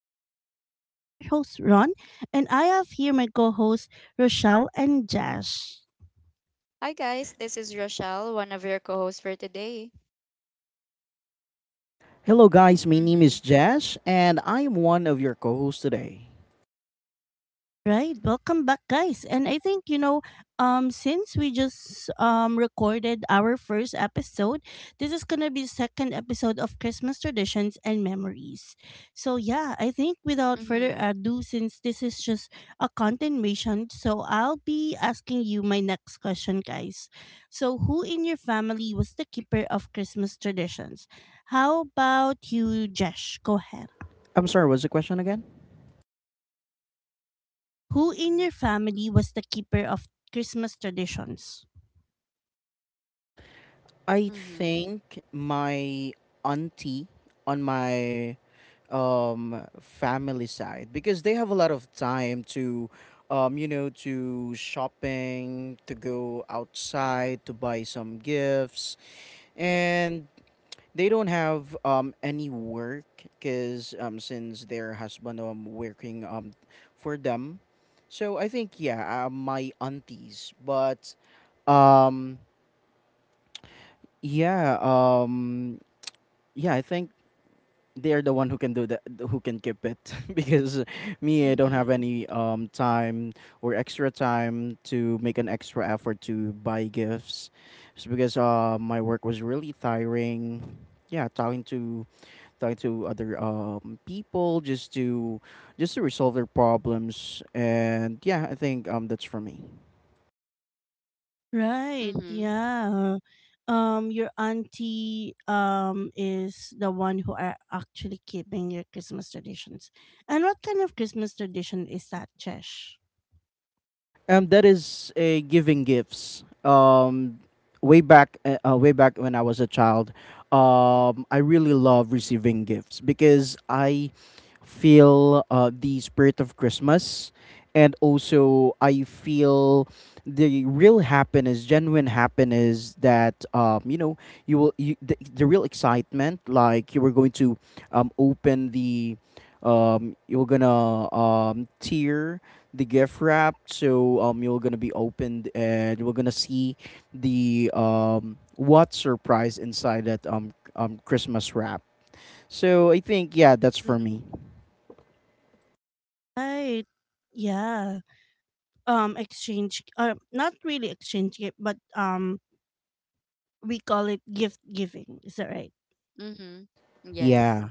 Podcast. This is your host, Ron, and I have here my co hosts, Rochelle and Jash. Hi guys, this is Rochelle, one of your co-hosts for today. Hello, guys. My name is Mhm. Jess, and I am one of your co hosts today. Right, welcome back guys. And I think since we just recorded our first episode, this is going to be second episode of Christmas traditions and memories. So yeah, I think without further Mhm. ado since this is just a continuation, so I'll be asking you my next question guys. So who in your family was the keeper of Christmas traditions? How about you, Jesh? Go ahead. I'm sorry, what's the question again? Who in your family was the keeper of Christmas traditions? I Mhm. think my auntie on my family side, because they have a lot of time to shopping, to go outside, to buy some gifts. And they don't have any work because since their husband working for them, so I think yeah, my aunties. But um yeah um yeah, I think they are the one who can do that, who can keep it because me, I don't have Mm-hmm. any time or extra time to make an extra effort to buy gifts. It's because my work was really tiring. Yeah, talking to other people just to resolve their problems. And yeah, I think that's for me. Right. Mhm. Yeah. Your auntie is the one who are actually keeping your Christmas traditions. And what kind of Christmas tradition is that, Chesh? That is a giving gifts. Way back, when I was a child, I really love receiving gifts because I feel the spirit of Christmas, and also I feel the real happiness, genuine happiness that, you know, the real excitement, like you were going to open the you're gonna tear the gift wrap, so you're gonna be opened, and we're gonna see the what surprise inside that Christmas wrap. So I think yeah, that's for me. Right. Yeah. Exchange. Not really exchange gift, but we call it gift giving. Is that right? Mhm. Yes. Yeah.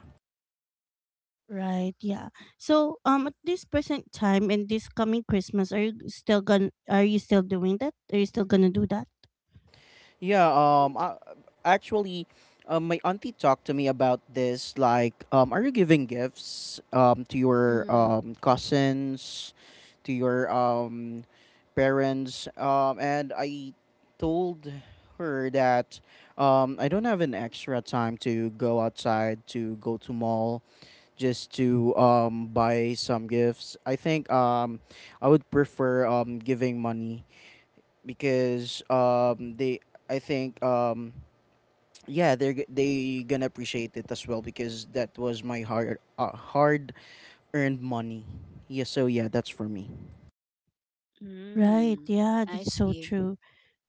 Right, yeah. So, at this present time and this coming Christmas, are you still doing that? Are you still gonna do that? Yeah, I, actually, my auntie talked to me about this, like are you giving gifts to your Mhm. Cousins, to your parents, and I told her that I don't have an extra time to go outside, to go to mall just to buy some gifts. I think I would prefer giving money because they, I think yeah, they gonna appreciate it as well, because that was my hard earned money. Yeah, so yeah, that's for me. Right, Mm. yeah, I that's so see. true.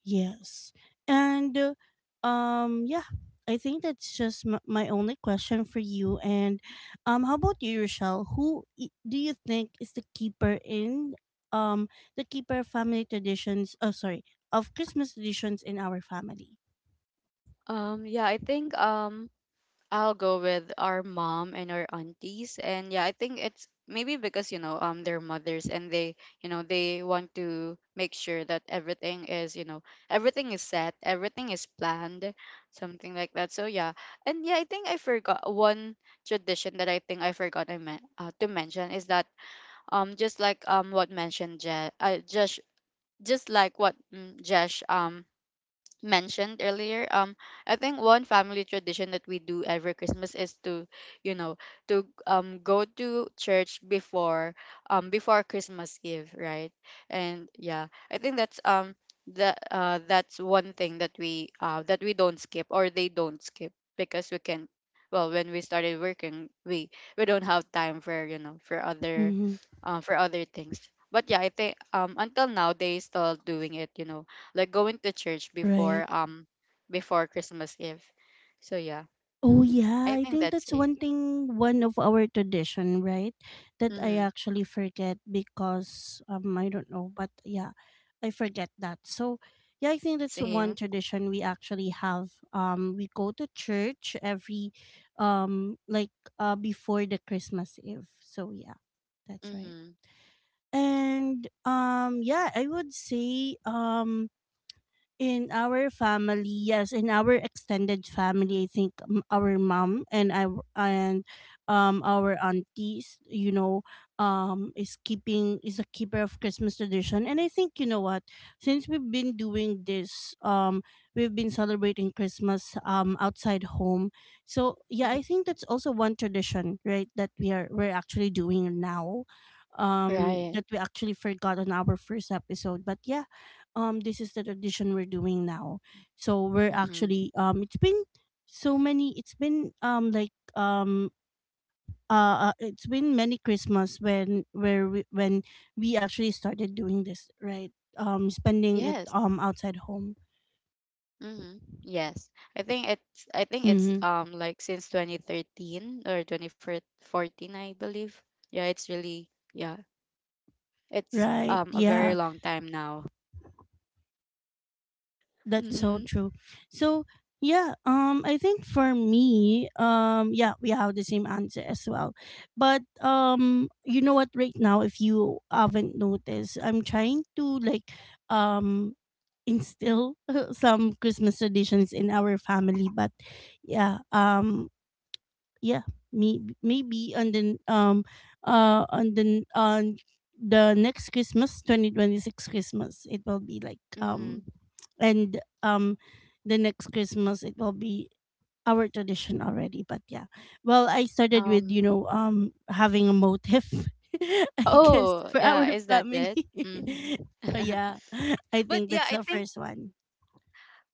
Yes, and yeah, I think that's just my only question for you. And how about you, Rochelle? Who do you think is the keeper um of family traditions? Oh, sorry, of Christmas traditions in our family. Yeah, I think I'll go with our mom and our aunties. And yeah, I think it's maybe because, they're mothers and they, you know, they want to make sure that everything is, you know, everything is set, everything is planned, something like that. So yeah. And yeah, I think I forgot one tradition that I think I forgot I meant to mention is that just like what mentioned Je- just like what Jesh mentioned earlier, I think one family tradition that we do every Christmas is to you know to go to church before before Christmas Eve, right? And yeah, I think that's that that's one thing that we don't skip, or they don't skip. Because we can, well, when we started working, we don't have time for, you know, Mm-hmm. For other things. But yeah, I think until now they still doing it, you know, like going to church Right. before before Christmas Eve. So yeah, Oh hmm, yeah, I I think think that's that's it. One of our tradition, right? That I Mm-hmm. actually forget because I don't know, but yeah, I forget that. So yeah, I think that's one Same. tradition we actually have. We go to church every like before the Christmas Eve. So yeah, that's right. Mm-hmm. And yeah, I would say in our family, yes, in our extended family, I think our mom and our aunties, is a keeper of Christmas tradition. And I think you know what, since we've been doing this, we've been celebrating Christmas outside home. So yeah, I think that's also one tradition, right, that we're actually doing now. Right. That we actually forgot on our first episode. But yeah, this is the tradition we're doing now, so we're Mm-hmm. actually it's been like it's been many Christmas, when we actually started doing this, right, spending it Yes. Outside home. Mm-hmm. Yes. I think it's Hmm. Like since 2013 or 2014, I believe. Yeah, it's really, yeah. It's Right. A Yeah. very long time now. That's so Mm-hmm. true. So yeah, I think for me, yeah, we have the same answer as well. But you know what, right now, if you haven't noticed, I'm trying to like um instill some Christmas traditions in our family, but yeah, yeah. Me. Maybe on the on the next Christmas, 2026 Christmas, it will be like Mm-hmm. And the next Christmas it will be our tradition already, but yeah, well, I started with Um having a motif. I guess oh, for yeah, our is that family. it? Mm-hmm. Yeah, I But think yeah, that's I the think, first one.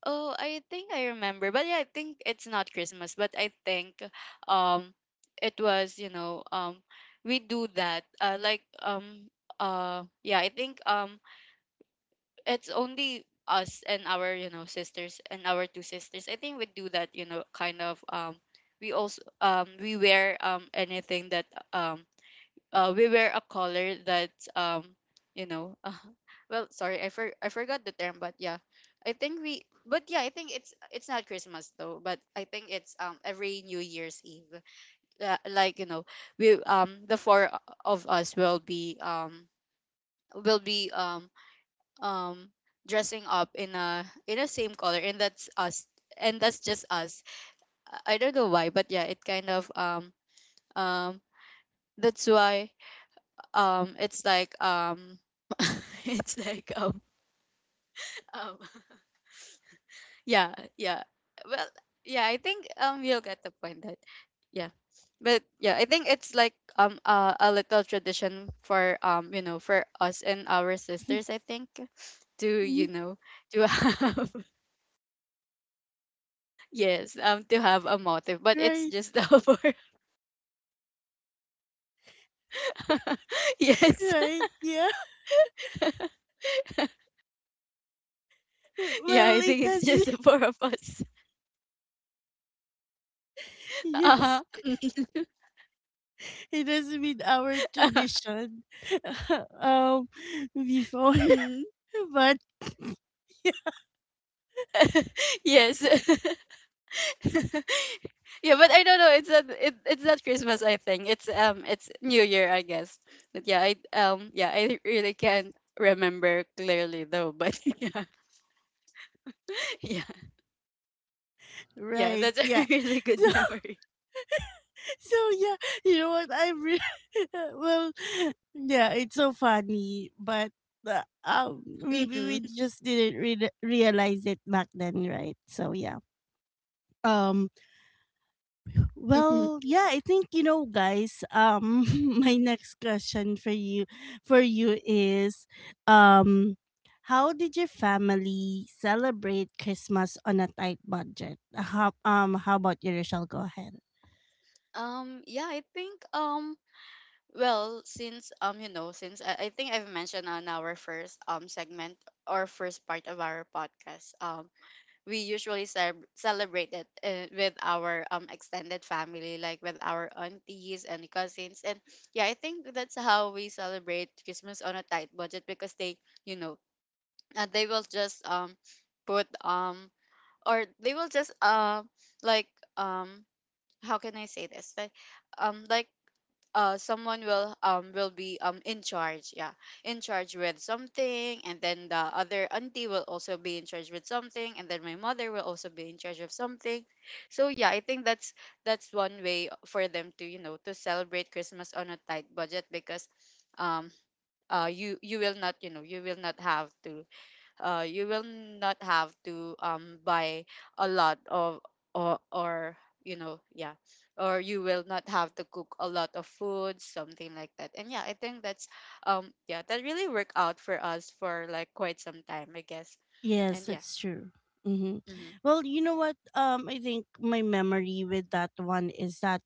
oh, I think I remember. But yeah, I think it's not Christmas, but I think um it was, you know, we do that. Yeah, I think it's only us and our, you know, sisters and our two sisters. I think we do that, you know, kind of we also we wear anything that um we wear a collar that you know well, sorry, I forgot the term. But yeah, I think we, but yeah, I think it's not Christmas though, but I think it's every New Year's Eve, like you know, we the four of us will be will be um um dressing up in a same color, and that's us. And that's just us. I don't know why, but yeah, it kind of um that's why it's like it's like um yeah, yeah, well, yeah, I think you'll get the point that, yeah. But yeah, I think it's like a little tradition for you know, for us and our sisters, I think, to you know, to have, yes, to have a motive, but it's Right. just for yes Right. Yeah. yeah, I Well, it think it's has. just the four of us. Uh-huh. Yes, it has been our tradition. um Before. But. Yes. Yeah, but I don't know. It's not it's not Christmas. I think it's New Year, I guess. But yeah, I yeah, I really can't remember clearly though. But yeah, yeah, yeah. Right, That's yeah. a really good memory. So yeah, you know what, well, yeah, it's so funny, but maybe we Hmm. just didn't realize it back then, right? So yeah. Um Hmm. well, yeah, I think guys, my next question for you is um how did your family celebrate Christmas on a tight budget? How about you, Rochelle? Go ahead. Yeah, I think well, since you know, I think I've mentioned on our first segment or first part of our podcast, we usually celebrate it with our extended family, like with our aunties and cousins. And yeah, I think that's how we celebrate Christmas on a tight budget, because they, you know, they will just put or they will just like um how can I say this? Like, um like someone will be in charge, yeah, in charge with something, and then the other auntie will also be in charge with something, and then my mother will also be in charge of something. So yeah, I think that's one way for them to you know, to celebrate Christmas on a tight budget because um you will not, you know, you will not have to, you will not have to buy a lot of, or you know, yeah, or you will not have to cook a lot of food, something like that. And yeah, I think that's yeah, that really worked out for us for like quite some time, I guess. Yes, And yeah, that's true. Hmm. mm-hmm. Well, you know what? I think my memory with that one is that,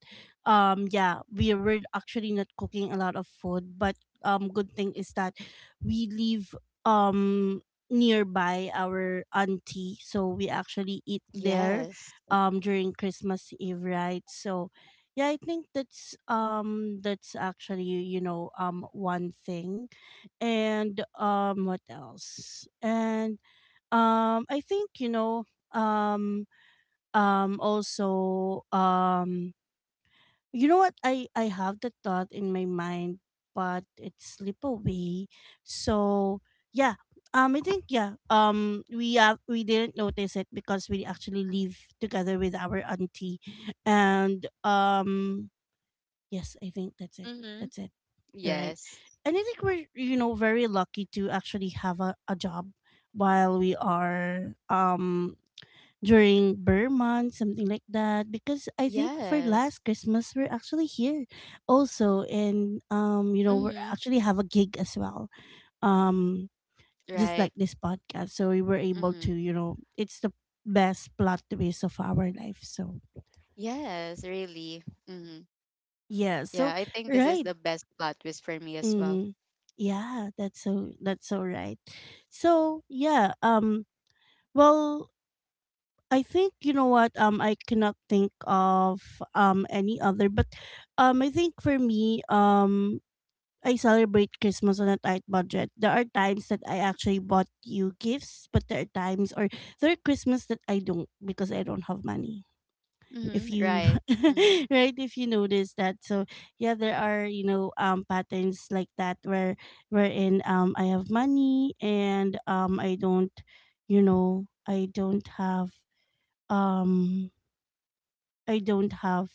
yeah, we were actually not cooking a lot of food, but good thing is that we live um nearby our auntie, so we actually eat there, Yes. During Christmas Eve, right? So, yeah, I think that's actually one thing, and what else, and I think. Um, Also, you know what? I have the thought in my mind, but it slip away. So yeah. I think yeah. We have we didn't notice it because we actually live together with our auntie, and yes, I think that's it. Mm-hmm. That's it. All right. Yes. And I think we're, very lucky to actually have a job while we are during Burr month, something like that. Because I think for Yes. last Christmas we're actually here also, and we Mm-hmm. actually have a gig as well. Um just Right. like this podcast. So we were able Mm-hmm. to, it's the best plot twist of our life. So Yes, really. Mm-hmm. yeah, Yeah, so I think this is right. the best plot twist for me as well. Mm-hmm. Yeah, that's so right. So yeah, well, I think you know what, I cannot think of any other, but I think for me, I celebrate Christmas on a tight budget. There are times that I actually bought you gifts, but there are times, or there are Christmas that I don't, because I don't have money. If Mm-hmm. you Right. Mm-hmm. right, if you notice that. So yeah, there are, patterns like that, wherein I have money and I don't, I don't have, um I don't have,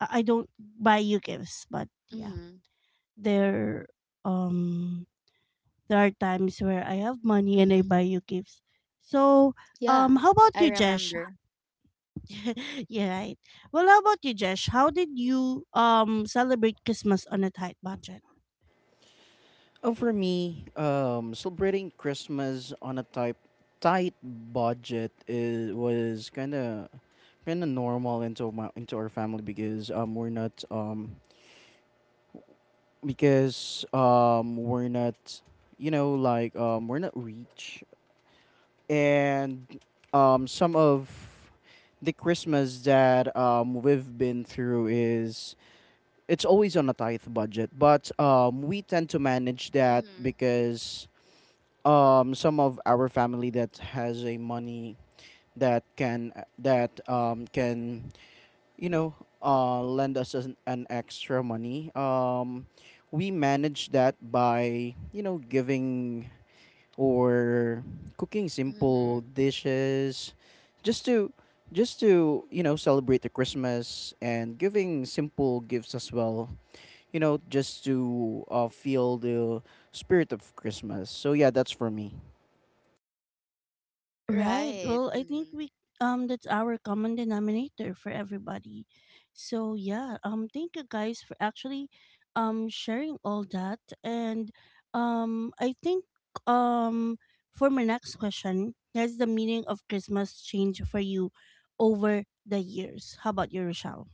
I don't buy you gifts, but yeah. Mhm. There um there are times where I have money and I Mhm. buy you gifts. So Yeah, how about I you, Jesh? remember. Yeah, right. Well, how about you, Jesh? How did you celebrate Christmas on a tight budget? Oh, for me, celebrating Christmas on a type tight budget is was kind of normal into our family, because we're not you know like we're not rich. And some of the Christmas that we've been through is it's always on a tight budget, but we tend to manage that Mhm. because some of our family that has a money that can that can, you know lend us an extra money. We manage that by giving or cooking Mhm. simple dishes, just to just to celebrate the Christmas, and giving simple gifts as well, just to feel the spirit of Christmas. So yeah, that's for me. Right. Right. Well, I think Mhm. we that's our common denominator for everybody. So yeah, thank you guys for actually sharing all that, and I think um for my next question, has the meaning of Christmas changed for you over the years? How about you, Rochelle?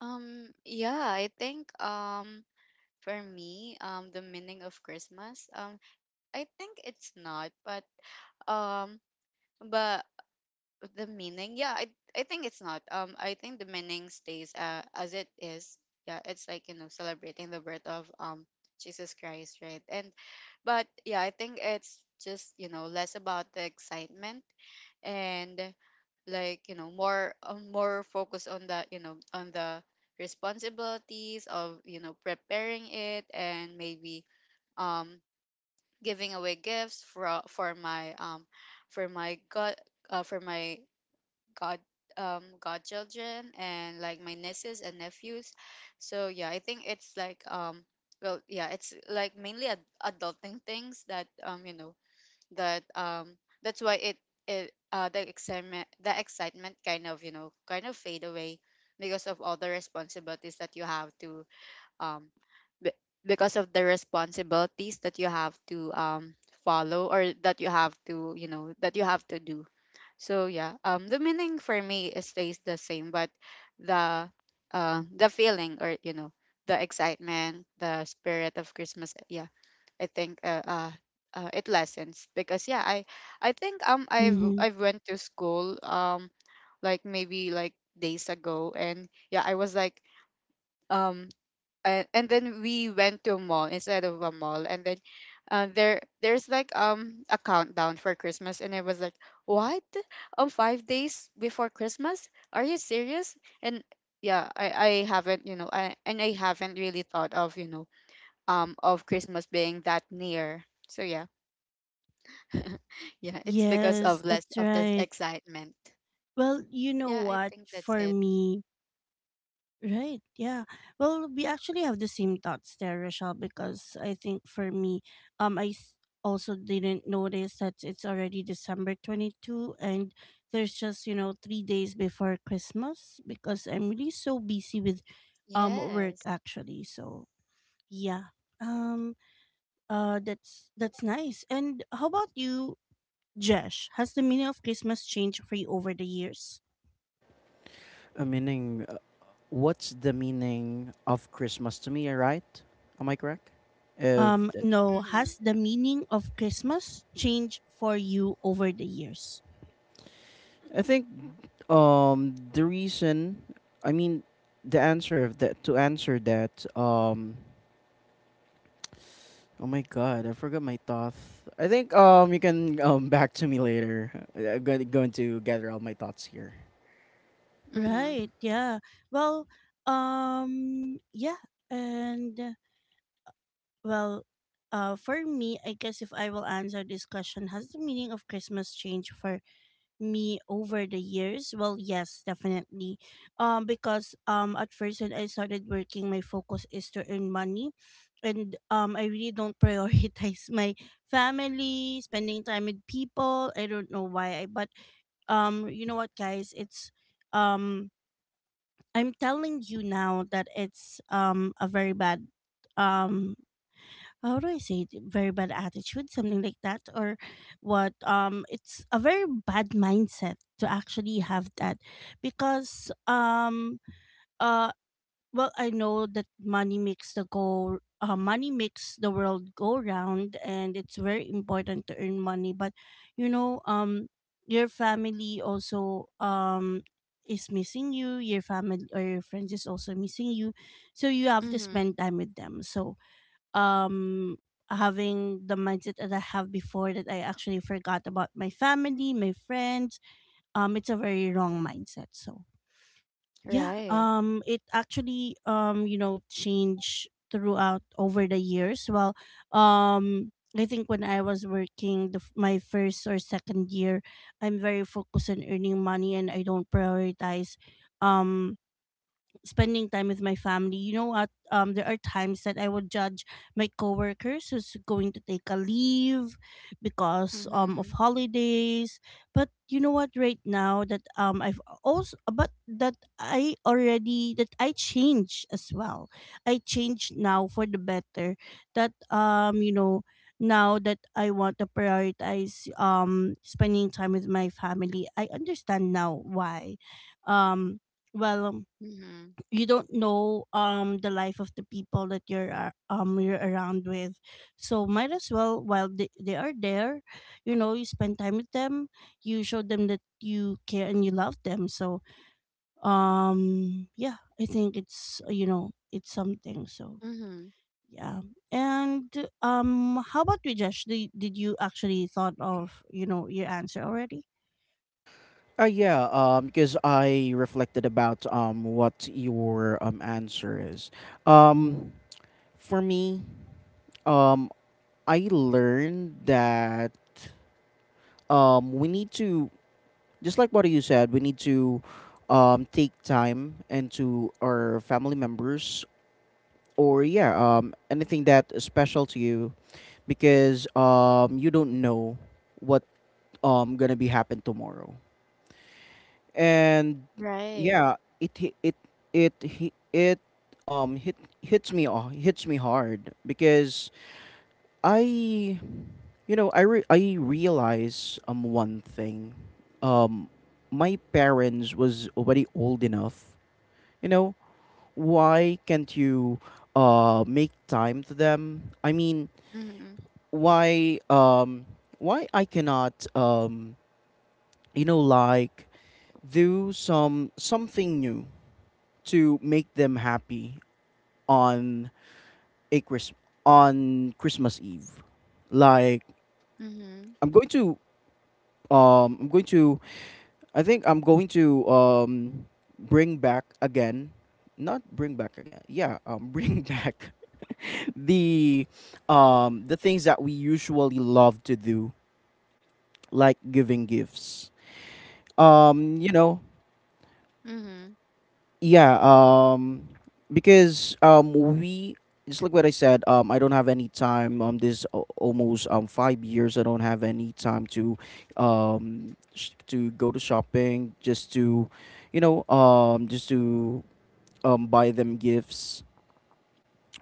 Yeah, I think for me, the meaning of Christmas, I think it's not, um but the meaning, yeah I think it's not I think the meaning stays, as it is. Yeah, it's like, you know, celebrating the birth of Jesus Christ, right? And but yeah, I think it's just, you know, less about the excitement, and like you know, more more focus on the you know, on the responsibilities of you know, preparing it. And maybe um giving away gifts for my for my god uh, for my god godchildren, and like my nieces and nephews. So yeah, I think it's like well, yeah, it's like mainly adulting things that you know, that um that's why it it the excitement kind of you know, kind of fade away, because of all the responsibilities that you have to um be- because of the responsibilities that you have to follow, or that you have to you know, that you have to do. So yeah, the meaning for me it stays the same, but the the feeling, or you know, the excitement, the spirit of Christmas, yeah, I think it lessens. Because yeah, I think Mm-hmm. I've went to school like maybe like days ago. And yeah, I was like, um and then we went to a mall, instead of a mall, and then, there's like a countdown for Christmas, and it was like, what, 5 days before Christmas? Are you serious? And yeah, I haven't, you know, I haven't really thought of you know, of Christmas being that near. So yeah, yeah, it's because Yes, of less that's of this right. excitement. Well, you know Yeah, I what? think that's For it. me, right. Yeah. Well, we actually have the same thoughts there, Rochelle, because I think for me, um, I s- also didn't notice that it's already December 22 and there's just, 3 days before Christmas, because I'm really so busy with work Yes. actually. So yeah. Um that's nice. And how about you, Jesh? Has the meaning of Christmas changed for you over the years? A meaning What's the meaning of Christmas to me, right? Am I correct if that, No, Mm-hmm. has the meaning of Christmas changed for you over the years? I think the reason I mean, the answer of that, to answer that. Oh my god, I forgot my thoughts. I think you can back to me later. I'm going to gather all my thoughts here. Mm-hmm. Right, yeah. Well, yeah, and well, for me, I guess if I will answer this question, has the meaning of Christmas changed for me over the years? Well, yes, definitely. Because at first when I started working, my focus is to earn money, and I really don't prioritize my family, spending time with people. I don't know why, but you know what, guys? It's um, I'm telling you now that it's a very bad, um how do I say it? Very bad attitude, something like that, or what? It's a very bad mindset to actually have that, because uh, well, I know that money money makes the world go round, and it's very important to earn money. But you know, um, your family also is missing you. Your family or your friends is also missing you, so you have to Mm-hmm. spend time with them. So um having the mindset that I have before, that I actually forgot about my family, my friends. It's a very wrong mindset. So yeah, Right. It actually changed throughout over the years. Well, um I think when I was working my first or second year, I'm very focused on earning money and I don't prioritize um spending time with my family. You know what? There are times that I would judge my coworkers who's going to take a leave because of Mm-hmm. holidays. But you know what? Right now that I've also, but that I already, that I change as well. I change now for the better. That, now that I want to prioritize spending time with my family. I understand now why. Um well, Mm-hmm. you don't know the life of the people that you're around with, so might as well while they are there, you spend time with them, you show them that you care and you love them. So yeah, I think it's you know it's something. So Mhm. yeah. And how about you, Josh, did you actually thought of your answer already? Yeah, because I reflected about what your answer is. Um, for me, um, I learned that we need to, just like what you said, we need to take time and to our family members, or yeah, anything that is special to you, because you don't know what gonna be happen tomorrow. And Right. yeah, it hi- it it hi- it hit hits me hard because I you know I re- I realize one thing. um my parents was already old enough. You know, why can't you make time to them? I mean, Mhm. why um why I cannot, like do something new to make them happy on a Chris on Christmas Eve. Like, Mhm. I'm going to um I'm going to I think I'm going to bring back again, not bring back again, yeah, bring back the the things that we usually love to do, like giving gifts, um you know Mhm. yeah, because we just like what I said, I don't have any time, almost 5 years. I don't have any time to go to shopping, just to buy them gifts.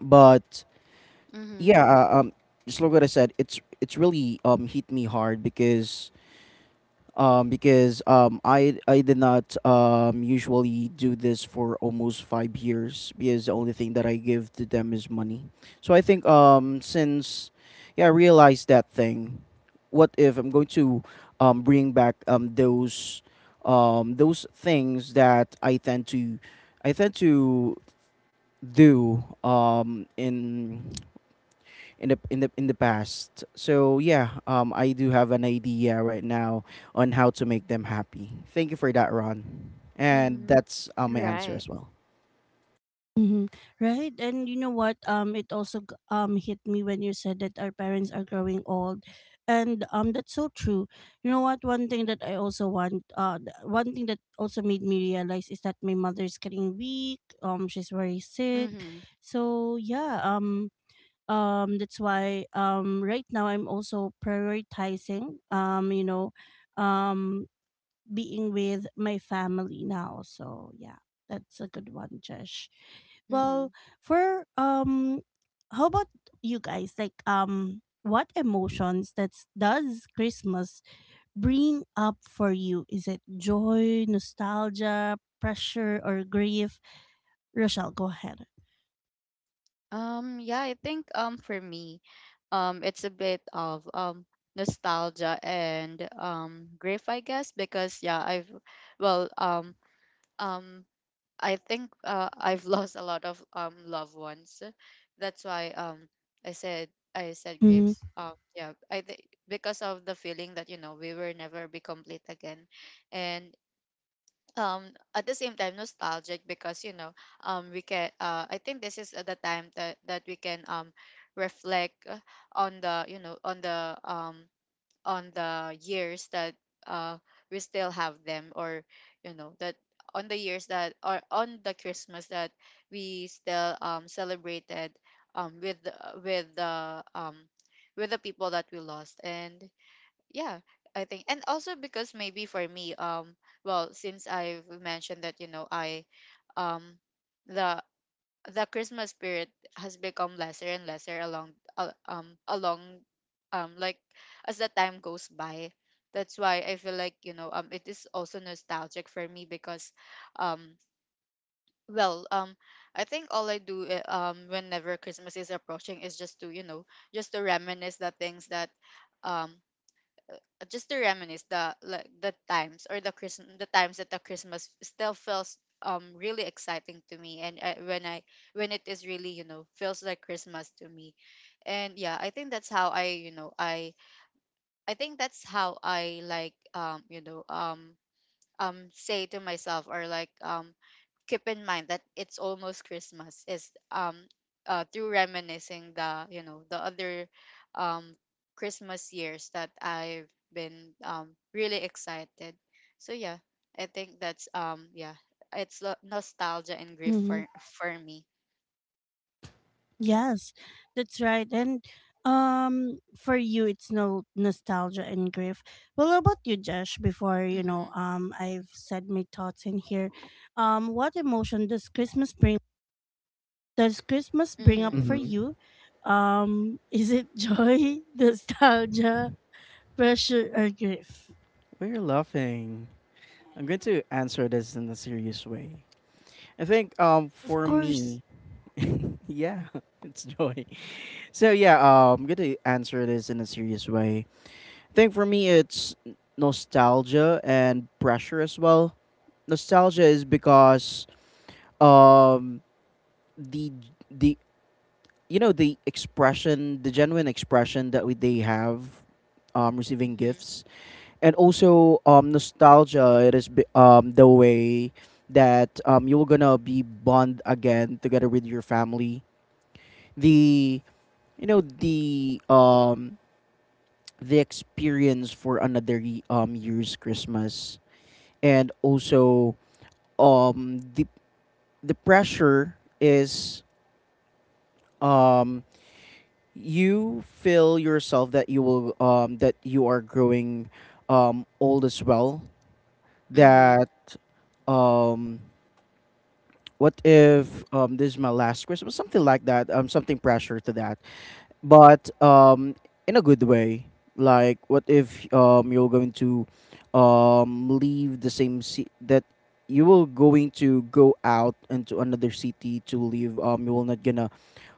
But Mhm. yeah, just like what I said, it's really hit me hard, because I did not usually do this for almost 5 years, because the only thing that I give to them is money. So I think since yeah, I realized that thing, what if I'm going to bring back those things that I tend to do, in the past. So yeah, I do have an idea right now on how to make them happy. Thank you for that, Ron. And Mhm. that's my answer Right. as well. Mm-hmm. Right, and you know what? It also hit me when you said that our parents are growing old, and that's so true. You know what? One thing that I also want, one thing that also made me realize is that my mother's getting weak. She's very sick, Mhm. so yeah. That's why right now I'm also prioritizing um being with my family now. So yeah, that's a good one, Josh. Well, Mhm. for how about you guys? Like what emotions that does Christmas bring up for you? Is it joy, nostalgia, pressure or grief? Rochelle, go ahead. Yeah, I think for me it's a bit of nostalgia and grief, I guess. Because yeah, well um um I think I've lost a lot of loved ones. That's why I said I said Mm-hmm. griefs. Yeah, I think, because of the feeling that you know, we will never be complete again. And um at the same time nostalgic, because you know, we can I think this is the time that we can reflect, on the you know, on the years that uh we still have them. Or you know, that on the years that, or on the Christmas that we still celebrated um with with the um with the people that we lost. And yeah, I think, and also because maybe for me, well, since I've mentioned that, you know, I um the Christmas spirit has become lesser and lesser along, along like, as the time goes by. That's why I feel like, you know, it is also nostalgic for me. Because um well, I think all I do, whenever Christmas is approaching is just to you know, just to reminisce the things that um just to reminisce the like the times, or the Christmas, the times that the Christmas still feels really exciting to me. And I when it is really you know, feels like Christmas to me. And yeah, I think that's how I you know, I think that's how I like, you know, say to myself, or like keep in mind that it's almost Christmas is through reminiscing the you know, the other um Christmas years that I've been really excited. So yeah, I think that's yeah, it's nostalgia and grief hmm for me. Yes, that's right. And for you, it's no nostalgia and grief. Well, how about you, Josh? Before Mhm. I've said my thoughts in here. What emotion does Christmas bring? Does Christmas bring up Mhm. for Mm-hmm. you? Is it joy, nostalgia, pressure, or grief? We're laughing. I'm going to answer this in a serious way. I think Of for course, me, yeah, it's joy. So yeah, I'm gonna answer this in a serious way. I think for me, it's nostalgia and pressure as well. Nostalgia is because um the the you know the expression, the genuine expression that we they have receiving Mhm. gifts, and also nostalgia. It is the way that you're gonna be bond again together with your family. The you know the experience for another year's Christmas, and also um the the pressure is, um you feel yourself that you are growing old as well, Mhm. that um what if this is my last Christmas, something like that, something pressure to that, but in a good way. Like what if you're going to leave the same city, that you will going to go out into another city to live, you will not gonna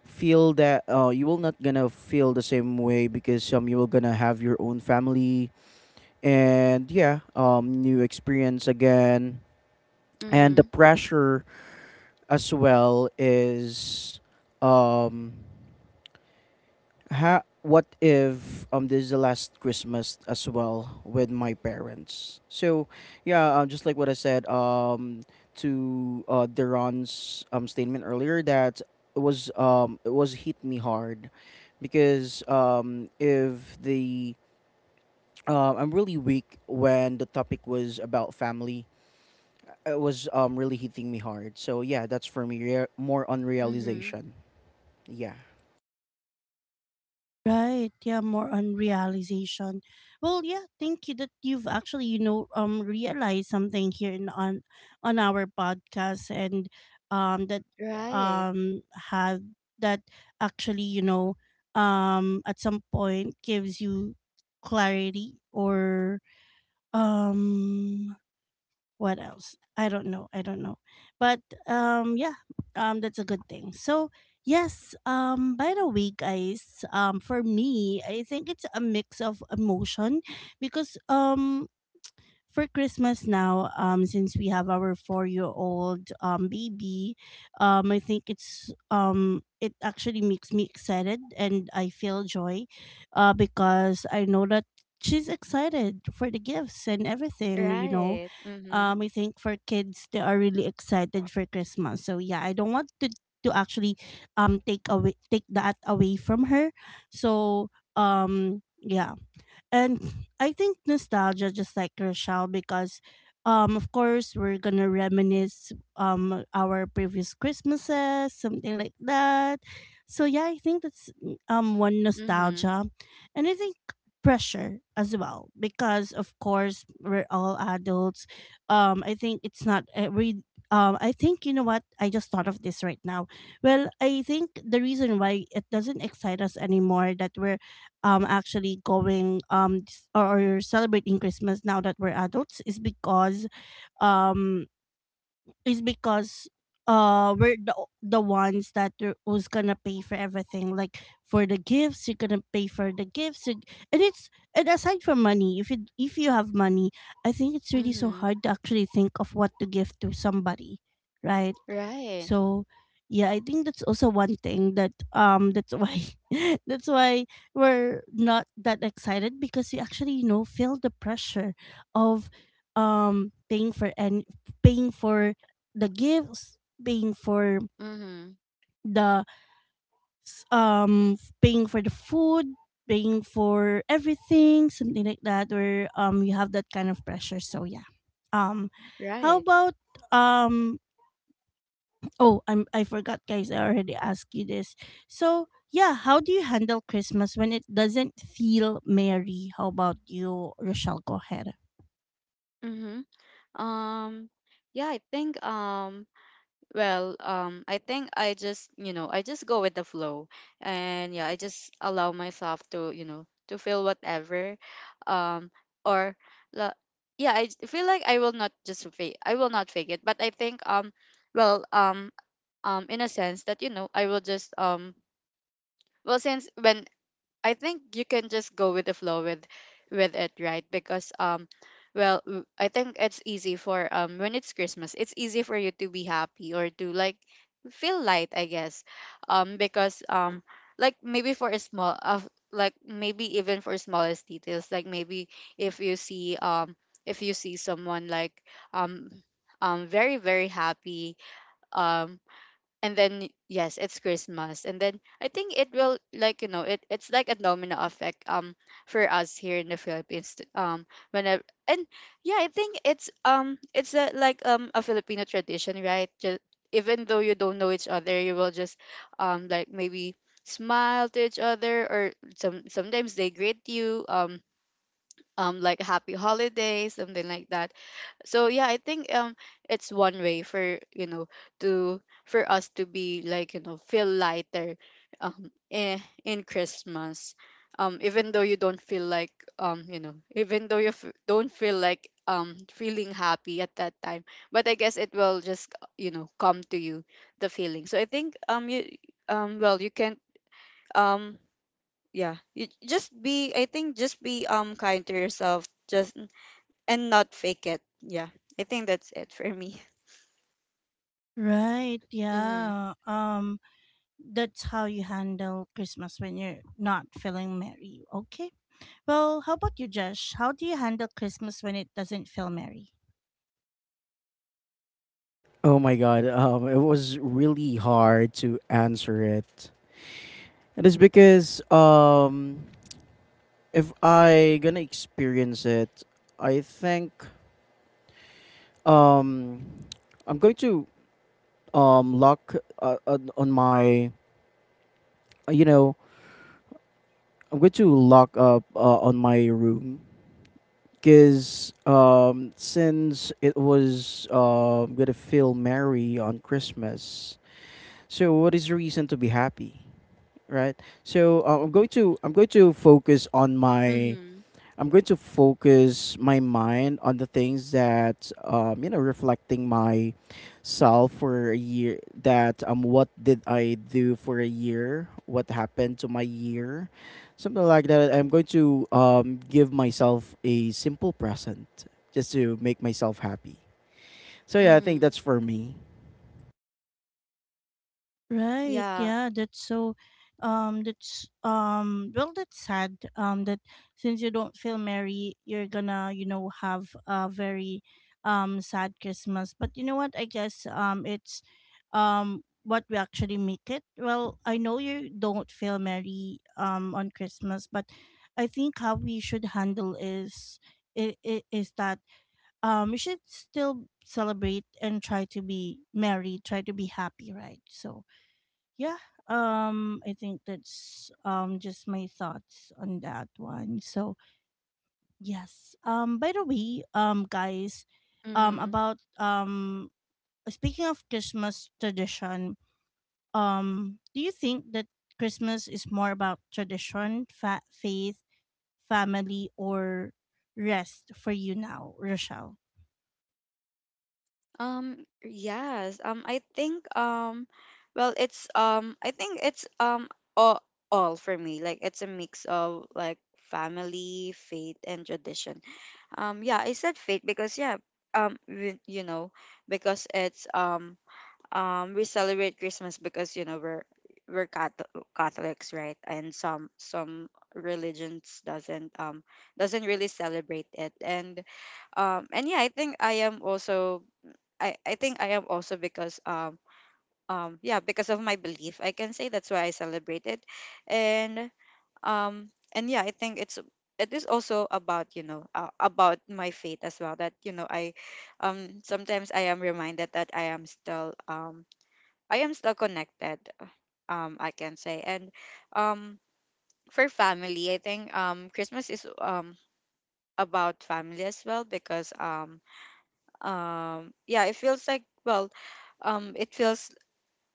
feel that, you will not gonna feel the same way, because you will gonna have your own family. And yeah, new experience again, and the Mhm. pressure as well is um what if this is the last Christmas as well with my parents? So yeah, just like what I said to Deron's statement earlier, that it was hit me hard, because if the I'm really weak when the topic was about family. It was really hitting me hard. So yeah, that's for me, more on Mhm. realization. Yeah. right? Yeah, more on realization. Well, yeah, thank you that you've actually, you know, realized something here in on our podcast, and that Right. um had that actually, you know, at some point gives you clarity or um what else, I don't know, I don't know, but um yeah that's a good thing. So yes, by the way guys, for me I think it's a mix of emotion because for Christmas now, since we have our four-year-old baby, I think it actually makes me excited and I feel joy, because I know that she's excited for the gifts and everything. You know, Right. Mhm. I think for kids they are really excited for Christmas. So yeah, I don't want to actually take that away from her. So yeah. And I think nostalgia, just like Rochelle, because of course we're gonna reminisce our previous Christmases, something like that. So yeah, I think that's one Mhm. nostalgia. And I think pressure as well because of course we're all adults. Um i think it's not every um i think, you know what, I just thought of this right now. Well, I think the reason why it doesn't excite us anymore that we're actually going or celebrating Christmas now that we're adults is because um is because we're the, o- the ones that are- who's gonna pay for everything, like for the gifts you're gonna pay for the gifts, and it's and aside from money, if you have money, I think it's really so Mhm. hard to actually think of what to give to somebody, right? Right. So yeah, I think that's also one thing that that's why that's why we're not that excited because we actually, you know, feel the pressure of paying for and paying for the gifts, paying for Mhm. the paying for the food, paying for everything, something like that where you have that kind of pressure. So yeah. Um how Right. about um Oh, I forgot guys, I already asked you this. So yeah, how do you handle Christmas when it doesn't feel merry? How about you, Rochelle? Go ahead. Mhm. Um, yeah, I think I think I just go with the flow, and yeah, I just allow myself to feel whatever, um or la- yeah, feel like I will not just fake, I will not fake it, but I think well, um in a sense that, you know, I will just, well since when I think you can just go with the flow with it, right? Because I think it's easy for, when it's Christmas, it's easy for you to be happy or to, like, feel light, I guess. Because, like maybe for a small of like maybe even for smallest details, like maybe if you see, if you see someone like, um very very happy, um and then yes, it's Christmas, and then I think it will, like, you know it's like a domino effect, for us here in the Philippines, whenever and yeah, I think it's, it's a, like, a Filipino tradition, right? Just even though you don't know each other, you will just, like maybe, smile to each other, or sometimes they greet you, like happy holidays, something like that. So yeah, I think it's one way for, you know, to for us to be, like, you know, feel lighter in Christmas, even though you don't feel like, you know, even though you don't feel like feeling happy at that time, but I guess it will just, you know, come to you, the feeling. So I think you, well, you can, um yeah, you just be, I think just be kind to yourself, just, and not fake it. Yeah. I think that's it for me. Right, Mhm. yeah. That's how you handle Christmas when you're not feeling merry. Okay. Well, how about you, Josh? How do you handle Christmas when it doesn't feel merry? Oh my god, it was really hard to answer it. It is because if I gonna experience it, I think um, I'm going to lock on my you know I'm going to lock up, on my room, because since it was gonna feel merry on Christmas, so what is the reason to be happy? Right. So I'm going to focus on my Mhm. I'm going to focus my mind on the things that, reflecting my self for a year, that what did I do for a year, what happened to my year, something like that. I'm going to give myself a simple present just to make myself happy. So yeah, I think Mhm. that's for me. Right. Yeah. Yeah. That's so. That's well, that's sad. That since you don't feel merry, you're gonna, you know, have a very sad Christmas. But you know what? I guess it's what we actually make it. Well, I know you don't feel merry on Christmas, but I think how we should handle is I is that we should still celebrate and try to be merry, try to be happy, right? So yeah, I think that's just my thoughts on that one. So yes, by the way guys, Mhm. about speaking of Christmas tradition, do you think that Christmas is more about tradition, faith, family, or rest for you now, Rochelle? Yes. I think it's, I think it's, all for me. Like it's a mix of, like, family, faith and tradition. Yeah, I said faith because yeah, you know, because it's, we celebrate Christmas because, you know, we're Catholics, right? And some religions doesn't, doesn't really celebrate it. And yeah, I think I am also, I think I am also, because yeah, because of my belief, I can say that's why I celebrate it, and and yeah, I think it's, it is also about, you know, about my faith as well, that, you know, I, sometimes I am reminded that I am still, I am still connected, I can say. And um, for family, I think, Christmas is, about family as well, because, yeah, it feels like, well, it feels,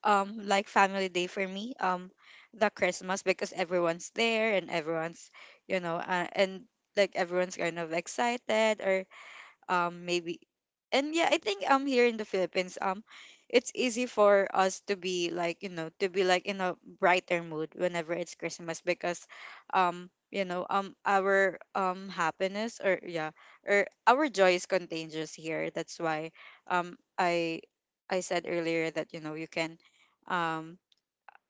like family day for me. The Christmas, because everyone's there and everyone's, you know, and, like, everyone's kind of excited, or, maybe, and yeah, I think here in the Philippines, it's easy for us to be, like, you know, to be, like, in a brighter mood whenever it's Christmas, because, you know, our happiness, or yeah, or our joy is contagious here, that's why um i I said earlier that, you know, you can, um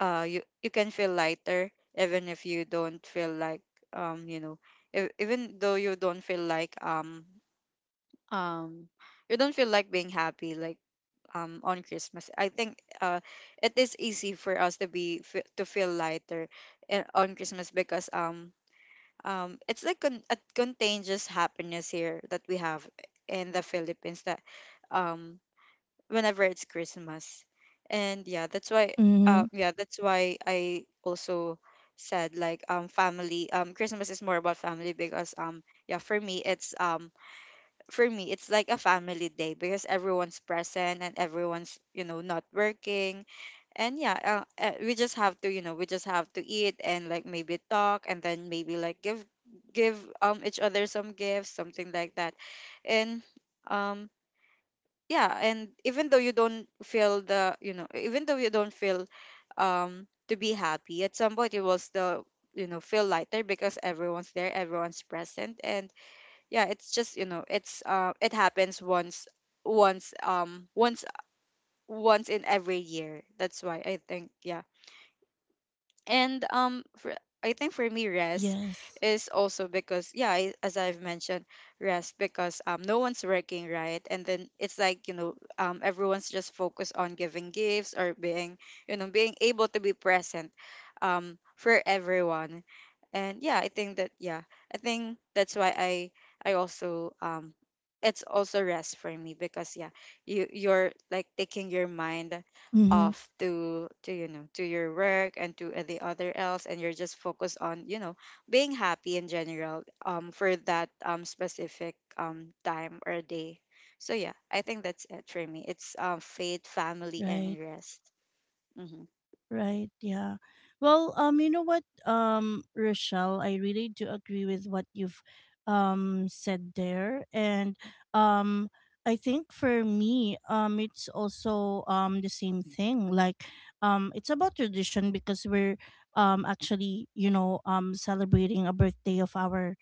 you can feel lighter, even if you don't feel like, you know, even though you don't feel like, um you don't feel like being happy, like, on Christmas, I think, it is easy for us to be fe- to feel lighter on Christmas, because it's like a contagious happiness here that we have in the Philippines, that um whenever it's Christmas, and yeah, that's why, Mm-hmm. Yeah, that's why I also said, like, family, Christmas is more about family, because yeah, for me it's, for me it's like a family day, because everyone's present and everyone's, you know, not working, and yeah, we just have to, you know, we just have to eat and, like, maybe talk, and then maybe, like, give each other some gifts, something like that, and um yeah, and even though you don't feel the, you know, even though you don't feel to be happy at some point, you will still, you know, feel lighter, because everyone's there, everyone's present, and yeah, it's just, you know, it's, uh, it happens once um once once in every year, that's why I think, yeah. And for, I think for me, rest yes is also because, yeah, I, as I've mentioned, rest, because no one's working, right? And then it's like, you know, everyone's just focused on giving gifts, or being, you know, being able to be present for everyone, and yeah, I think that, yeah, I think that's why I also, it's also rest for me, because yeah, you, you're like taking your mind mm-hmm. off to, you know, to your work and to the other else, and you're just focused on, you know, being happy in general, for that specific time or day. So yeah, I think that's it for me, it's, faith, family and right rest. Mm-hmm. Right, yeah. Well, you know what, Rochelle, I really do agree with what you've said there. And um I think for me, it's also the same thing. Like it's about tradition because we're actually, you know, celebrating a birthday of our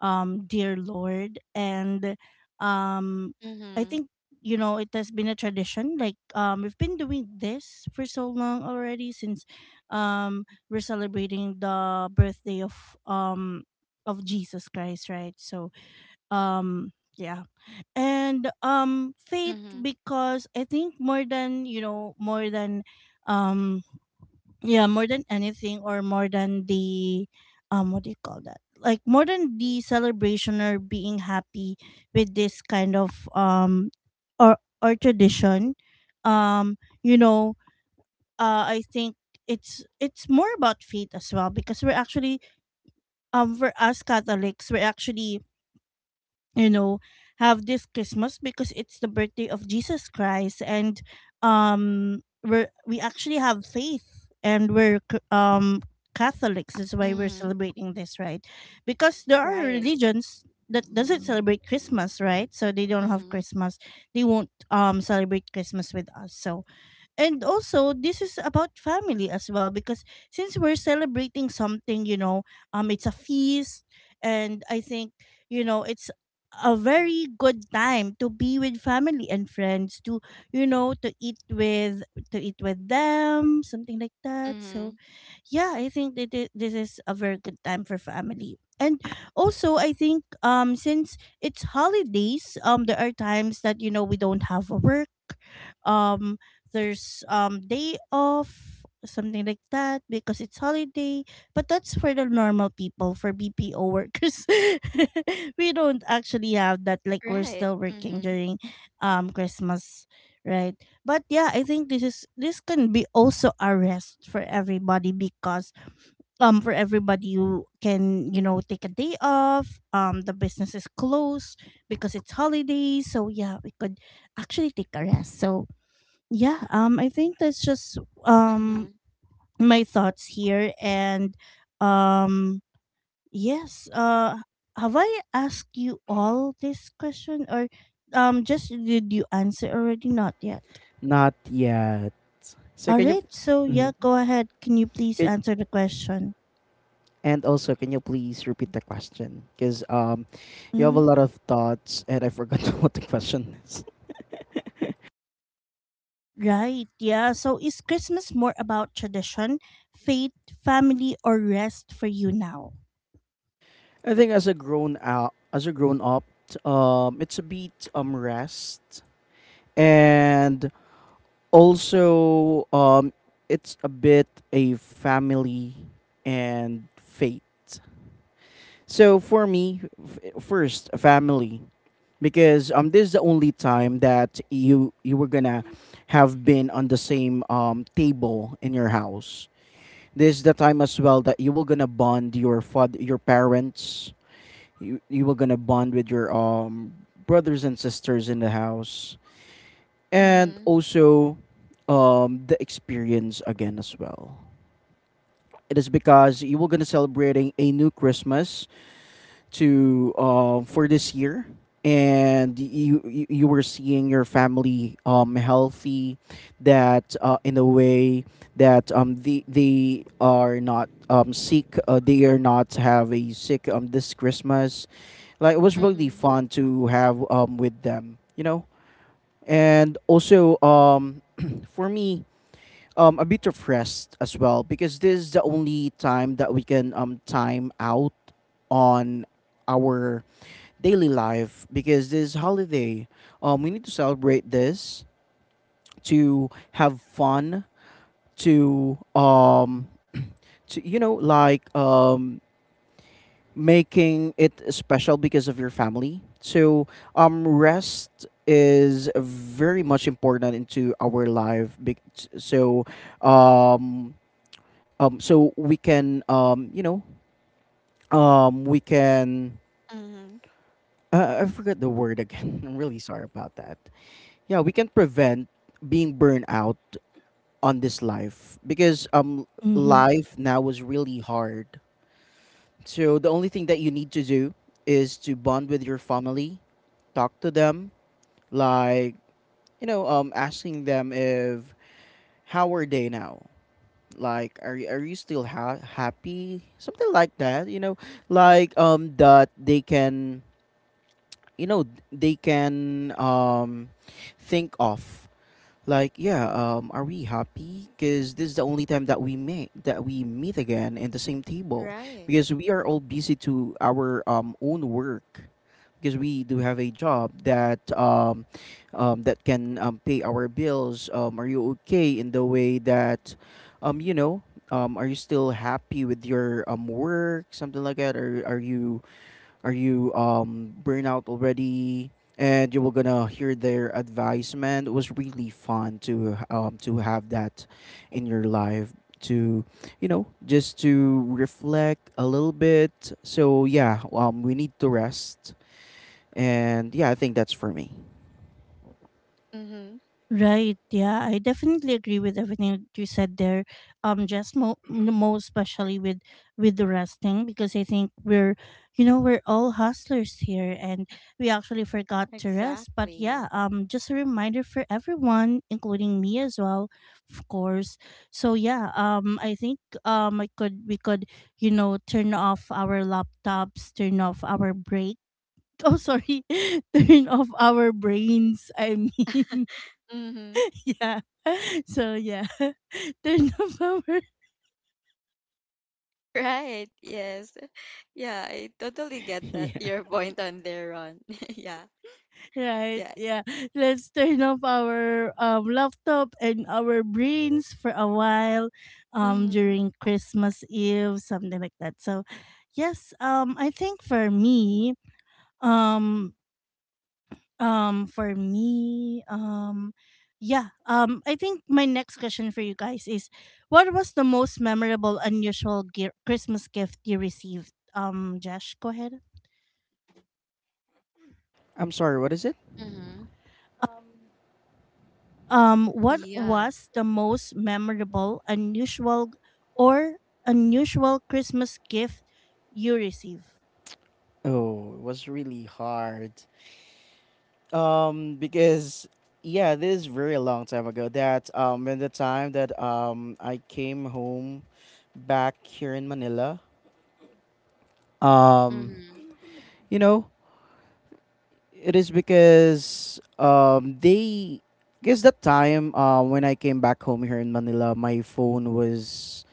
dear Lord. And um I Mm-hmm. think, you know, it has been a tradition, like we've been doing this for so long already since um we're celebrating the birthday of Jesus Christ, right? So um yeah. And faith, Mm-hmm. because I think more than, you know, more than um yeah more than anything or more than the what do you call that, like more than the celebration or being happy with this kind of or or tradition, um you know, I think it's more about faith as well, because we're actually for us Catholics, we're actually, you know, have this Christmas because it's the birthday of Jesus Christ. And we actually have faith and Catholics, that's why we're Mm-hmm. celebrating this, right? Because there are Right. religions that doesn't celebrate Christmas, right? So they don't have Mm-hmm. Christmas, they won't celebrate Christmas with us. So and also this is about family as well because since we're celebrating something, you know, it's a feast and I think, you know, it's a very good time to be with family and friends to, you know, to eat with them, something like that. So Mm-hmm. yeah, I think that this is a very good time for family. And also, I think since it's holidays, there are times that, you know, we don't have a work. Um there's day off, something like that, because it's holiday. But that's for the normal people. For BPO workers we don't actually have that, like we're Right. still working Mm-hmm. during Christmas, right? But yeah, I think this is this can be also a rest for everybody, because for everybody you can, you know, take a day off. The business is closed because it's holidays, so yeah, we could actually take a rest. So yeah, I think that's just um Mm-hmm. my thoughts here. And um yes, have I asked you all this question? Or just, did you answer already? Not yet. Not yet, so All can you... right. So yeah, Mhm. go ahead. Can you please answer the question? And also, can you please repeat the question? Because you have a hmm lot of thoughts, and I forgot what the question is. Right. Yeah. So is Christmas more about tradition, faith, family, or rest for you now? I think, as a grown up, it's a bit rest, and also it's a bit a family and faith. So for me, first family. Because this is the only time that you were gonna have been on the same table in your house. This is the time as well that you were gonna bond your father, your parents. You were gonna bond with your brothers and sisters in the house, and Mm-hmm. also the experience again as well. It is because you were gonna celebrating a new Christmas to for this year, and you were seeing your family healthy. That in a way that they are not sick, they are not have a sick this Christmas. Like, it was really Mm-hmm. fun to have with them. And also for me, a bit of rest as well, because this is the only time that we can time out on our daily life. Because this is holiday, we need to celebrate this, to have fun, to um to making it special because of your family. So rest is very much important into our life so um so we can, we can, Mm-hmm. I forgot the word again. I'm really sorry about that. Yeah, we can prevent being burned out on this life, because Mm-hmm. life now is really hard. So the only thing that you need to do is to bond with your family, talk to them, like, you know, asking them if how are they now. Like, are you still happy, something like that. Like, that they can, you know, they can, think of, like, yeah, are we happy? Because this is the only time that we meet, that we meet again in the same table. Right. Because we are all busy to our own work. Because we do have a job that that can, pay our bills. Are you okay in the way that, um, you know, are you still happy with your work, something like that? Or are you, are you burnout already? And you were gonna hear their advice, man. It was really fun to have that in your life, to, you know, just to reflect a little bit. So yeah, we need to rest, and yeah, I think that's for me. Mm-hmm. Right. Yeah, I definitely agree with everything that you said there. Just most especially with the resting, because I think we're, you know, we're all hustlers here, and we actually forgot to rest. But yeah, Exactly. Just a reminder for everyone, including me as well, of course. So yeah, I think I could, we could, you know, turn off our laptops, turn off our break. Oh, sorry, turn off our brains. I mean, Mm-hmm. yeah. So yeah, turn off our Right. Yes. Yeah, I totally get that, Yeah. your point on there, Ron. yeah, right. yeah. Yeah, let's turn off our laptop and our brains for a while, Mm-hmm. during Christmas Eve, something like that. So, yes, I think um, for me, yeah, I think my next question for you guys is, what was the most memorable, unusual Christmas gift you received? Josh, go ahead. I'm sorry, what is it? Mm-hmm. What Yeah. was the most memorable, unusual, or unusual Christmas gift you received? Oh, it was really hard. Because yeah, this is very long time ago. That in the time that I came home back here in Manila. Um, Mm-hmm. you know, It is because they guess that time, when I came back home here in Manila, my phone was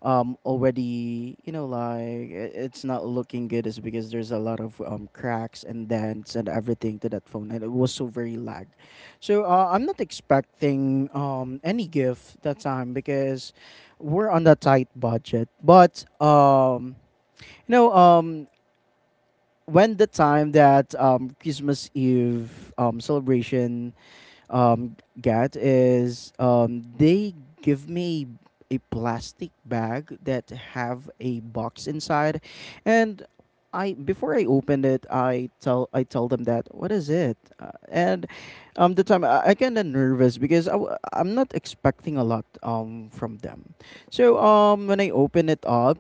already, you know, like, it's not looking good, is because there's a lot of cracks and dents and everything to that phone, and it was so very lag. So I'm not expecting any gift that time because we're on a tight budget. But you know um when the time that, Christmas Eve celebration, get is, they give me a plastic bag that have a box inside. And I, before I opened it, I tell them that what is it, and the time I kind of nervous because I'm not expecting a lot from them. So when I open it up,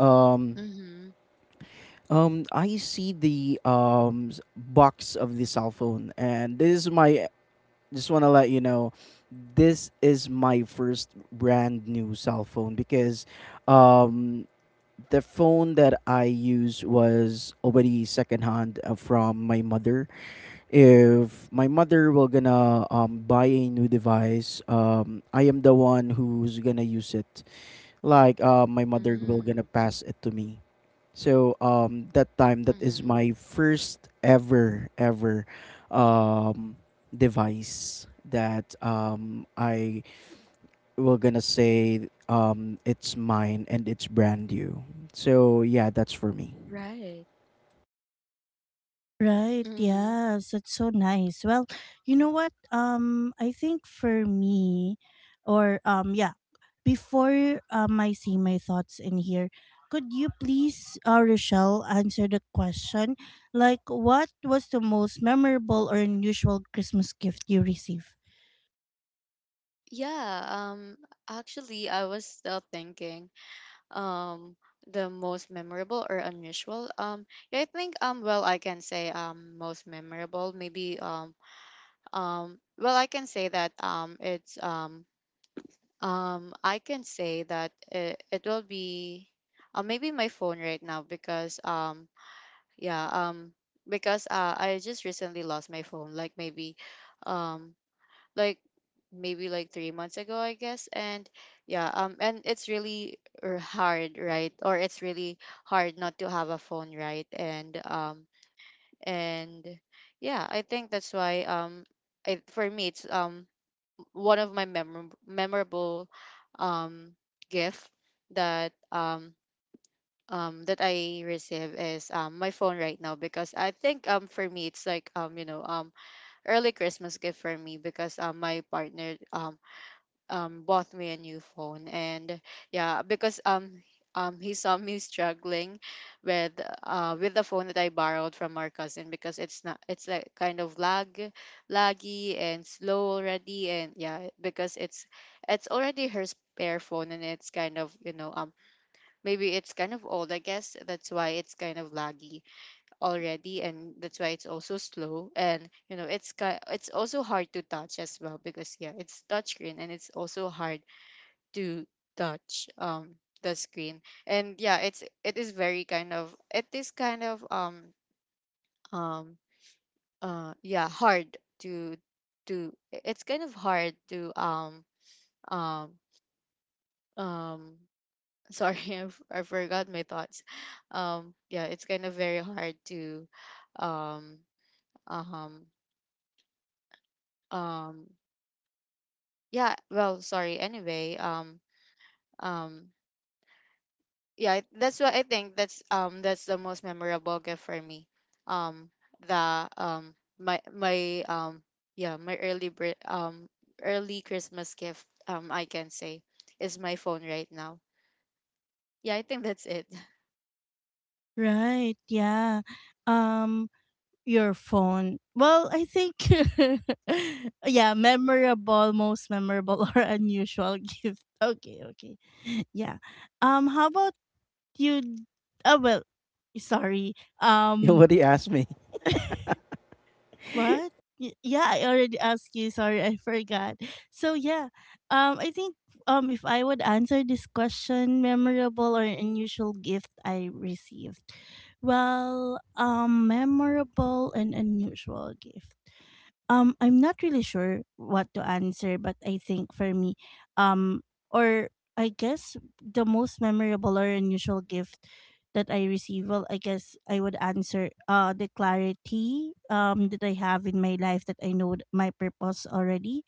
um Mm-hmm. I see the box of the cell phone. And this is my. Just want to let you know, this is my first brand new cell phone because, um, the phone that I use was already secondhand, from my mother. If my mother will gonna buy a new device, I am the one who's gonna use it. Like, my mother will Mm-hmm. gonna pass it to me. So that time, that is Mm-hmm. my first ever ever um device that I will gonna say it's mine and it's brand new. So yeah, that's for me. Right. Right. Mm-hmm. Yes, it's so nice. Well, you know what? I think for me, or yeah, before I see my thoughts in here, could you please, Rochelle, answer the question? Like, what was the most memorable or unusual Christmas gift you received? Yeah. Um. Actually, I was still thinking. Um. The most memorable or unusual. Yeah. I think. Well, I can say. Most memorable. Maybe. Well, I can say that. It's. I can say that it will be, maybe my phone right now, because yeah um because, I just recently lost my phone, like maybe, um like maybe, like, 3 months ago, I guess, and yeah, and it's really hard, right? Or it's really hard not to have a phone, right? And and yeah, I think that's why, I, for me it's, one of my memorable um gift that um that I receive is, my phone right now, because I think for me it's like, you know, early Christmas gift for me, because my partner bought me a new phone, and yeah, because he saw me struggling with with the phone that I borrowed from our cousin, because it's not, it's, like, kind of laggy and slow already, and yeah, because it's already her spare phone, and it's kind of, you know, maybe it's kind of old, I guess, that's why it's kind of laggy already, and that's why it's also slow, and, you know, it's also hard to touch as well, because yeah, it's touchscreen, and it's also hard to touch the screen, and yeah, it's, it is very kind of, it is kind of, um yeah, hard to it's kind of hard to, um um sorry, I forgot my thoughts. Yeah, it's kind of very hard to, um um um yeah, well, sorry, anyway, um yeah, that's why I think that's, that's the most memorable gift for me. Um the, my yeah, my early Christmas gift, I can say, is my phone right now. Yeah, I think that's it. Right. Yeah. Um. Your phone. Well, I think yeah, memorable, most memorable or unusual gift. Okay, okay. Yeah. How about you. Oh well, sorry. You Um already asked me. what? Y- yeah, I already asked you. Sorry, I forgot. So yeah, I think if I would answer this question, memorable or unusual gift I received. Well, memorable and unusual gift. I'm not really sure what to answer, but I think for me, um, or I guess the most memorable or unusual gift that I receive, well, I guess I would answer the clarity that I have in my life, that I know my purpose already.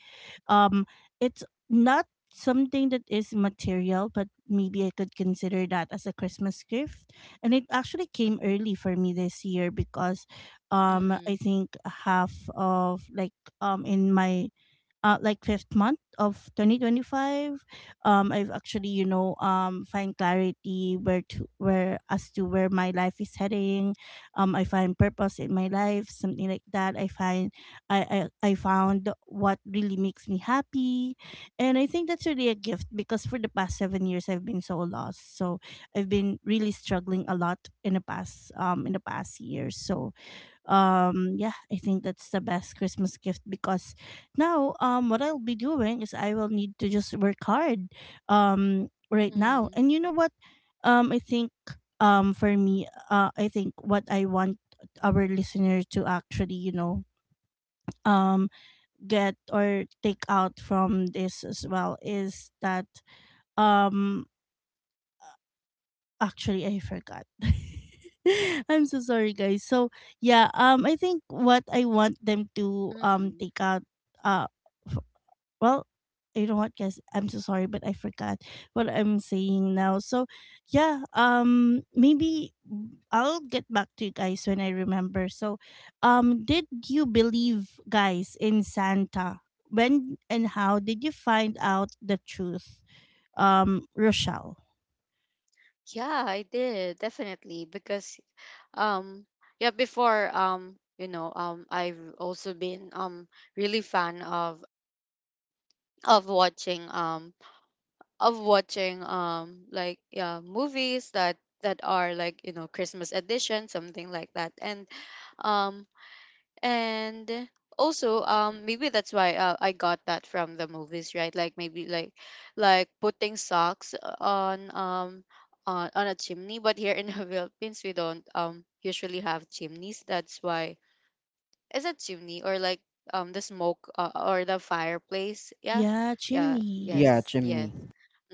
um it's not something that is material, but maybe I could consider that as a Christmas gift. And it actually came early for me this year because I Mhm. think half of like in my like fifth month of 2025, I've actually find clarity where to, where as to where my life is heading. I find purpose in my life, something like that. I find I found what really makes me happy. And I think that's really a gift, because for the past 7 years I've been so lost. So I've been really struggling a lot in the past, in the past years. So yeah, I think that's the best Christmas gift, because now what I'll be doing is I will need to just work hard right now. Mhm. And you know what, I think for me, I think what I want our listener to actually um get or take out from this as well is that um actually, I forgot. I'm so sorry, guys. So yeah, I think what I want them to Mhm. take out uh f- well, you know what, guys, I'm so sorry but I forgot what I'm saying now. So yeah, maybe I'll get back to you guys when I remember. So did you believe, guys, in Santa? When and how did you find out the truth? Um, Rochelle. Yeah, I did. Definitely, because um yeah, before, you know, I've also been really fan of watching, of watching, like, yeah, movies that are, like, you know, Christmas edition, something like that, um and also, maybe that's why, I got that from the movies, right? Like maybe, like putting socks, on a chimney, but here in the Philippines we don't usually have chimneys, that's why, is it chimney or, like, the smoke, or the fireplace? Yeah, Yeah, yeah, chimney, yes, Yeah, yes. yes. chimney.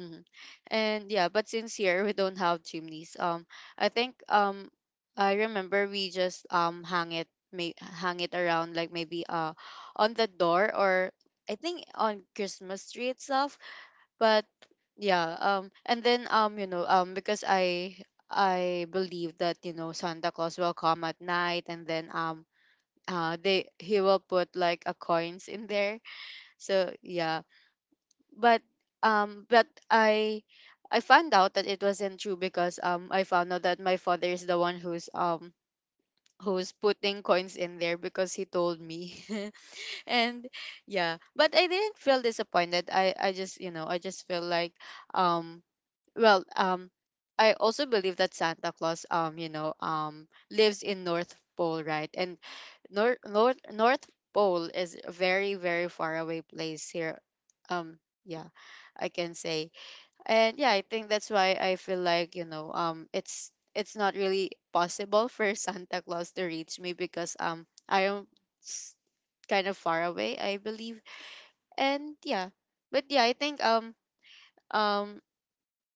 Hmm. And yeah, but since here we don't have chimneys, I think, I remember we just hang it, may hang it around, like maybe, on the door, or I think, on Christmas tree itself. But yeah, and then, you know, because I believe that, you know, Santa Claus will come at night, and then, they he will put, like, a coins in there, so yeah, but but I found out that it wasn't true, because I found out that my father is the one who's, who's putting coins in there, because he told me. And yeah, but I didn't feel disappointed, I just, you know, I just feel like, um well, I also believe that Santa Claus, you know, lives in North Pole, right? And North Pole is a very very far away place here. Um, yeah, I can say, and yeah, I think that's why I feel like, you know, it's not really possible for Santa Claus to reach me, because, I am, s- kind of far away, I believe, and yeah, but yeah, I think um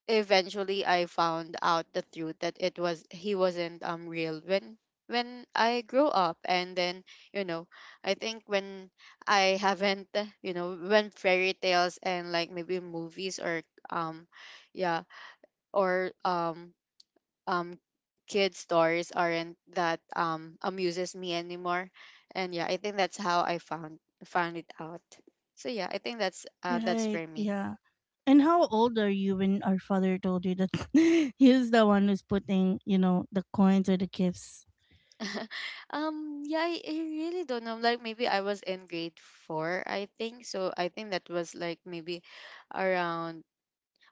eventually I found out the truth that it was he wasn't real, when I grew up, and then, you know, I think when I haven't, you know, when fairy tales and, like, maybe movies, or, um yeah, or um kid stories aren't that, amuses me anymore, and yeah, I think that's how I found it out, so yeah, I think that's, that's for Right. me. Yeah. And how old are you when our father told you that he's the one who's putting, the coins or the gifts? Yeah, I really don't know, like maybe I was in grade four, I think. So I think that was, like, maybe around,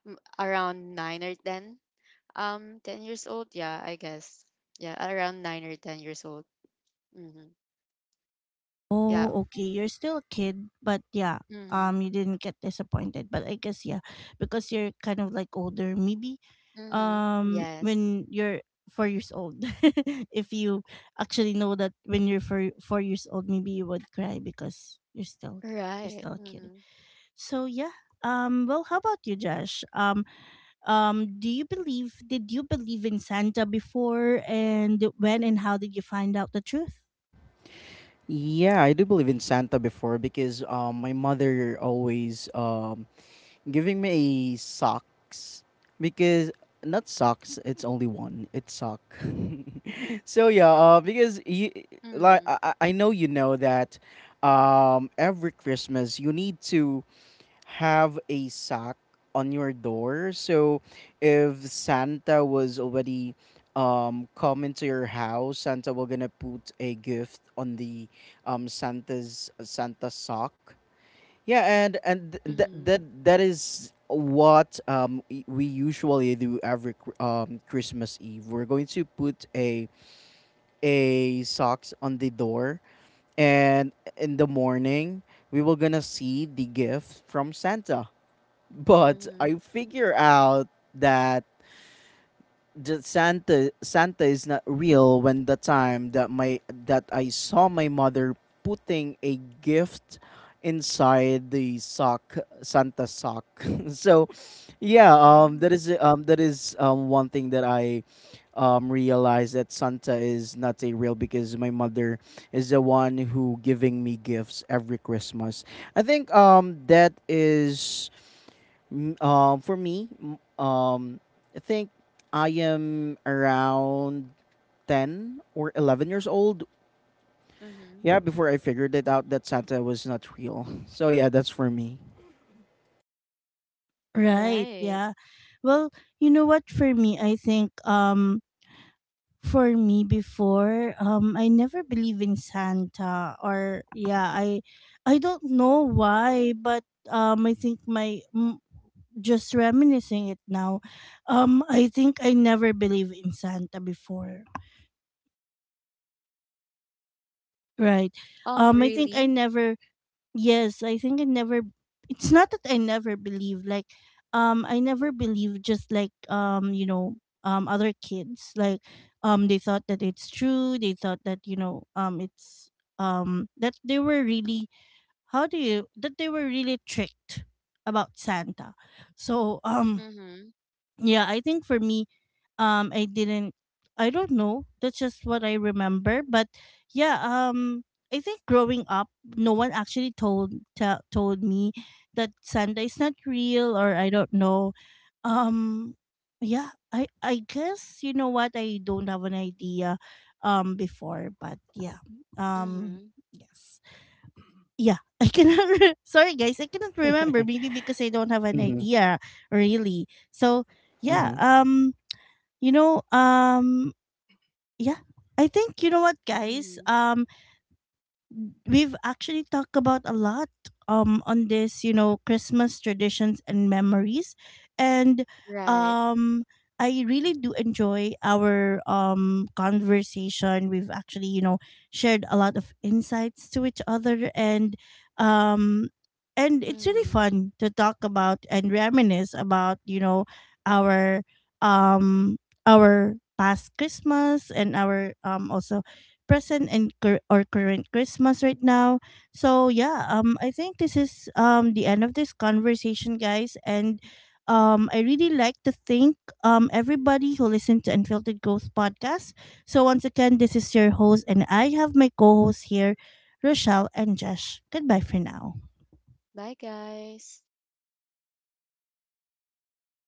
around nine or ten, 10 years old, yeah, I guess. Yeah, around 9 or 10 years old. Mm-hmm. Yeah. Oh, okay. You're still a kid, but yeah. Mm-hmm. You didn't get disappointed, but I guess yeah, because you're kind of like older. Maybe, Mm-hmm. Yes. when you're 4 years old, if you actually know that when you're four years old, maybe you would cry because you're Right. still a kid. Mm-hmm. So yeah. Well, how about you, Josh? Do you believe did you believe in Santa before, and when and how did you find out the truth? Yeah, I do believe in Santa before, because my mother always giving me a socks. Because not socks, it's only one, it's sock. So yeah, because you, like, Mm-hmm. I know, you know, that every Christmas you need to have a sock on your door. So if Santa was already coming to your house, Santa will gonna put a gift on the Santa's Santa sock. Yeah, and that Mm-hmm. that that is what we usually do every Christmas Eve. We're going to put a socks on the door, and in the morning we will gonna see the gift from Santa. But Mm-hmm. I figure out that the Santa is not real when the time that my, that I saw my mother putting a gift inside the sock, Santa sock. So yeah, Mm-hmm. That is one thing that I realized, that Santa is not a real, because my mother is the one who giving me gifts every Christmas. I think that is, for me, I think I am around 10 or 11 years old. Mm-hmm. Yeah, before I figured it out that Santa was not real. So yeah, that's for me. Right, Right. yeah. Well, you know what, for me, I think for me before, I never believe in Santa. Or yeah, I don't know why, but I think just reminiscing it now, I think I never believed in Santa before. Right. I think I Really. never. Yes, I think I never. It's not that I never believed. Like, I never believed. Just like you know, other kids, like, they thought that it's true. They thought that, you know, it's that they were really, how do you, that they were really tricked about Santa. So Mm-hmm. yeah, I think for me, I didn't, I don't know, that's just what I remember. But yeah, I think growing up, no one actually told told me that Santa is not real, or I don't know. um yeah, I guess, you know what, I don't have an idea before. But yeah, um Mm-hmm. yes, yeah. I cannot. Sorry, guys, I cannot remember. Maybe because I don't have an Mm-hmm. idea, really. So yeah, Mm-hmm. You know, yeah, I think, you know what, guys. Mm-hmm. We've actually talked about a lot on this, you know, Christmas traditions and memories, and Right. um I really do enjoy our conversation. We've actually, you know, shared a lot of insights to each other, and um it's really Mm-hmm. fun to talk about and reminisce about, you know, our um our past Christmas and our also present and cur- or current Christmas right now. So yeah, I think this is the end of this conversation, guys. And I really like to thank everybody who listened to Unfiltered Growth podcast. So once again, this is your host and I have my co-hosts here, Rochelle and Josh. Goodbye for now. Bye, guys.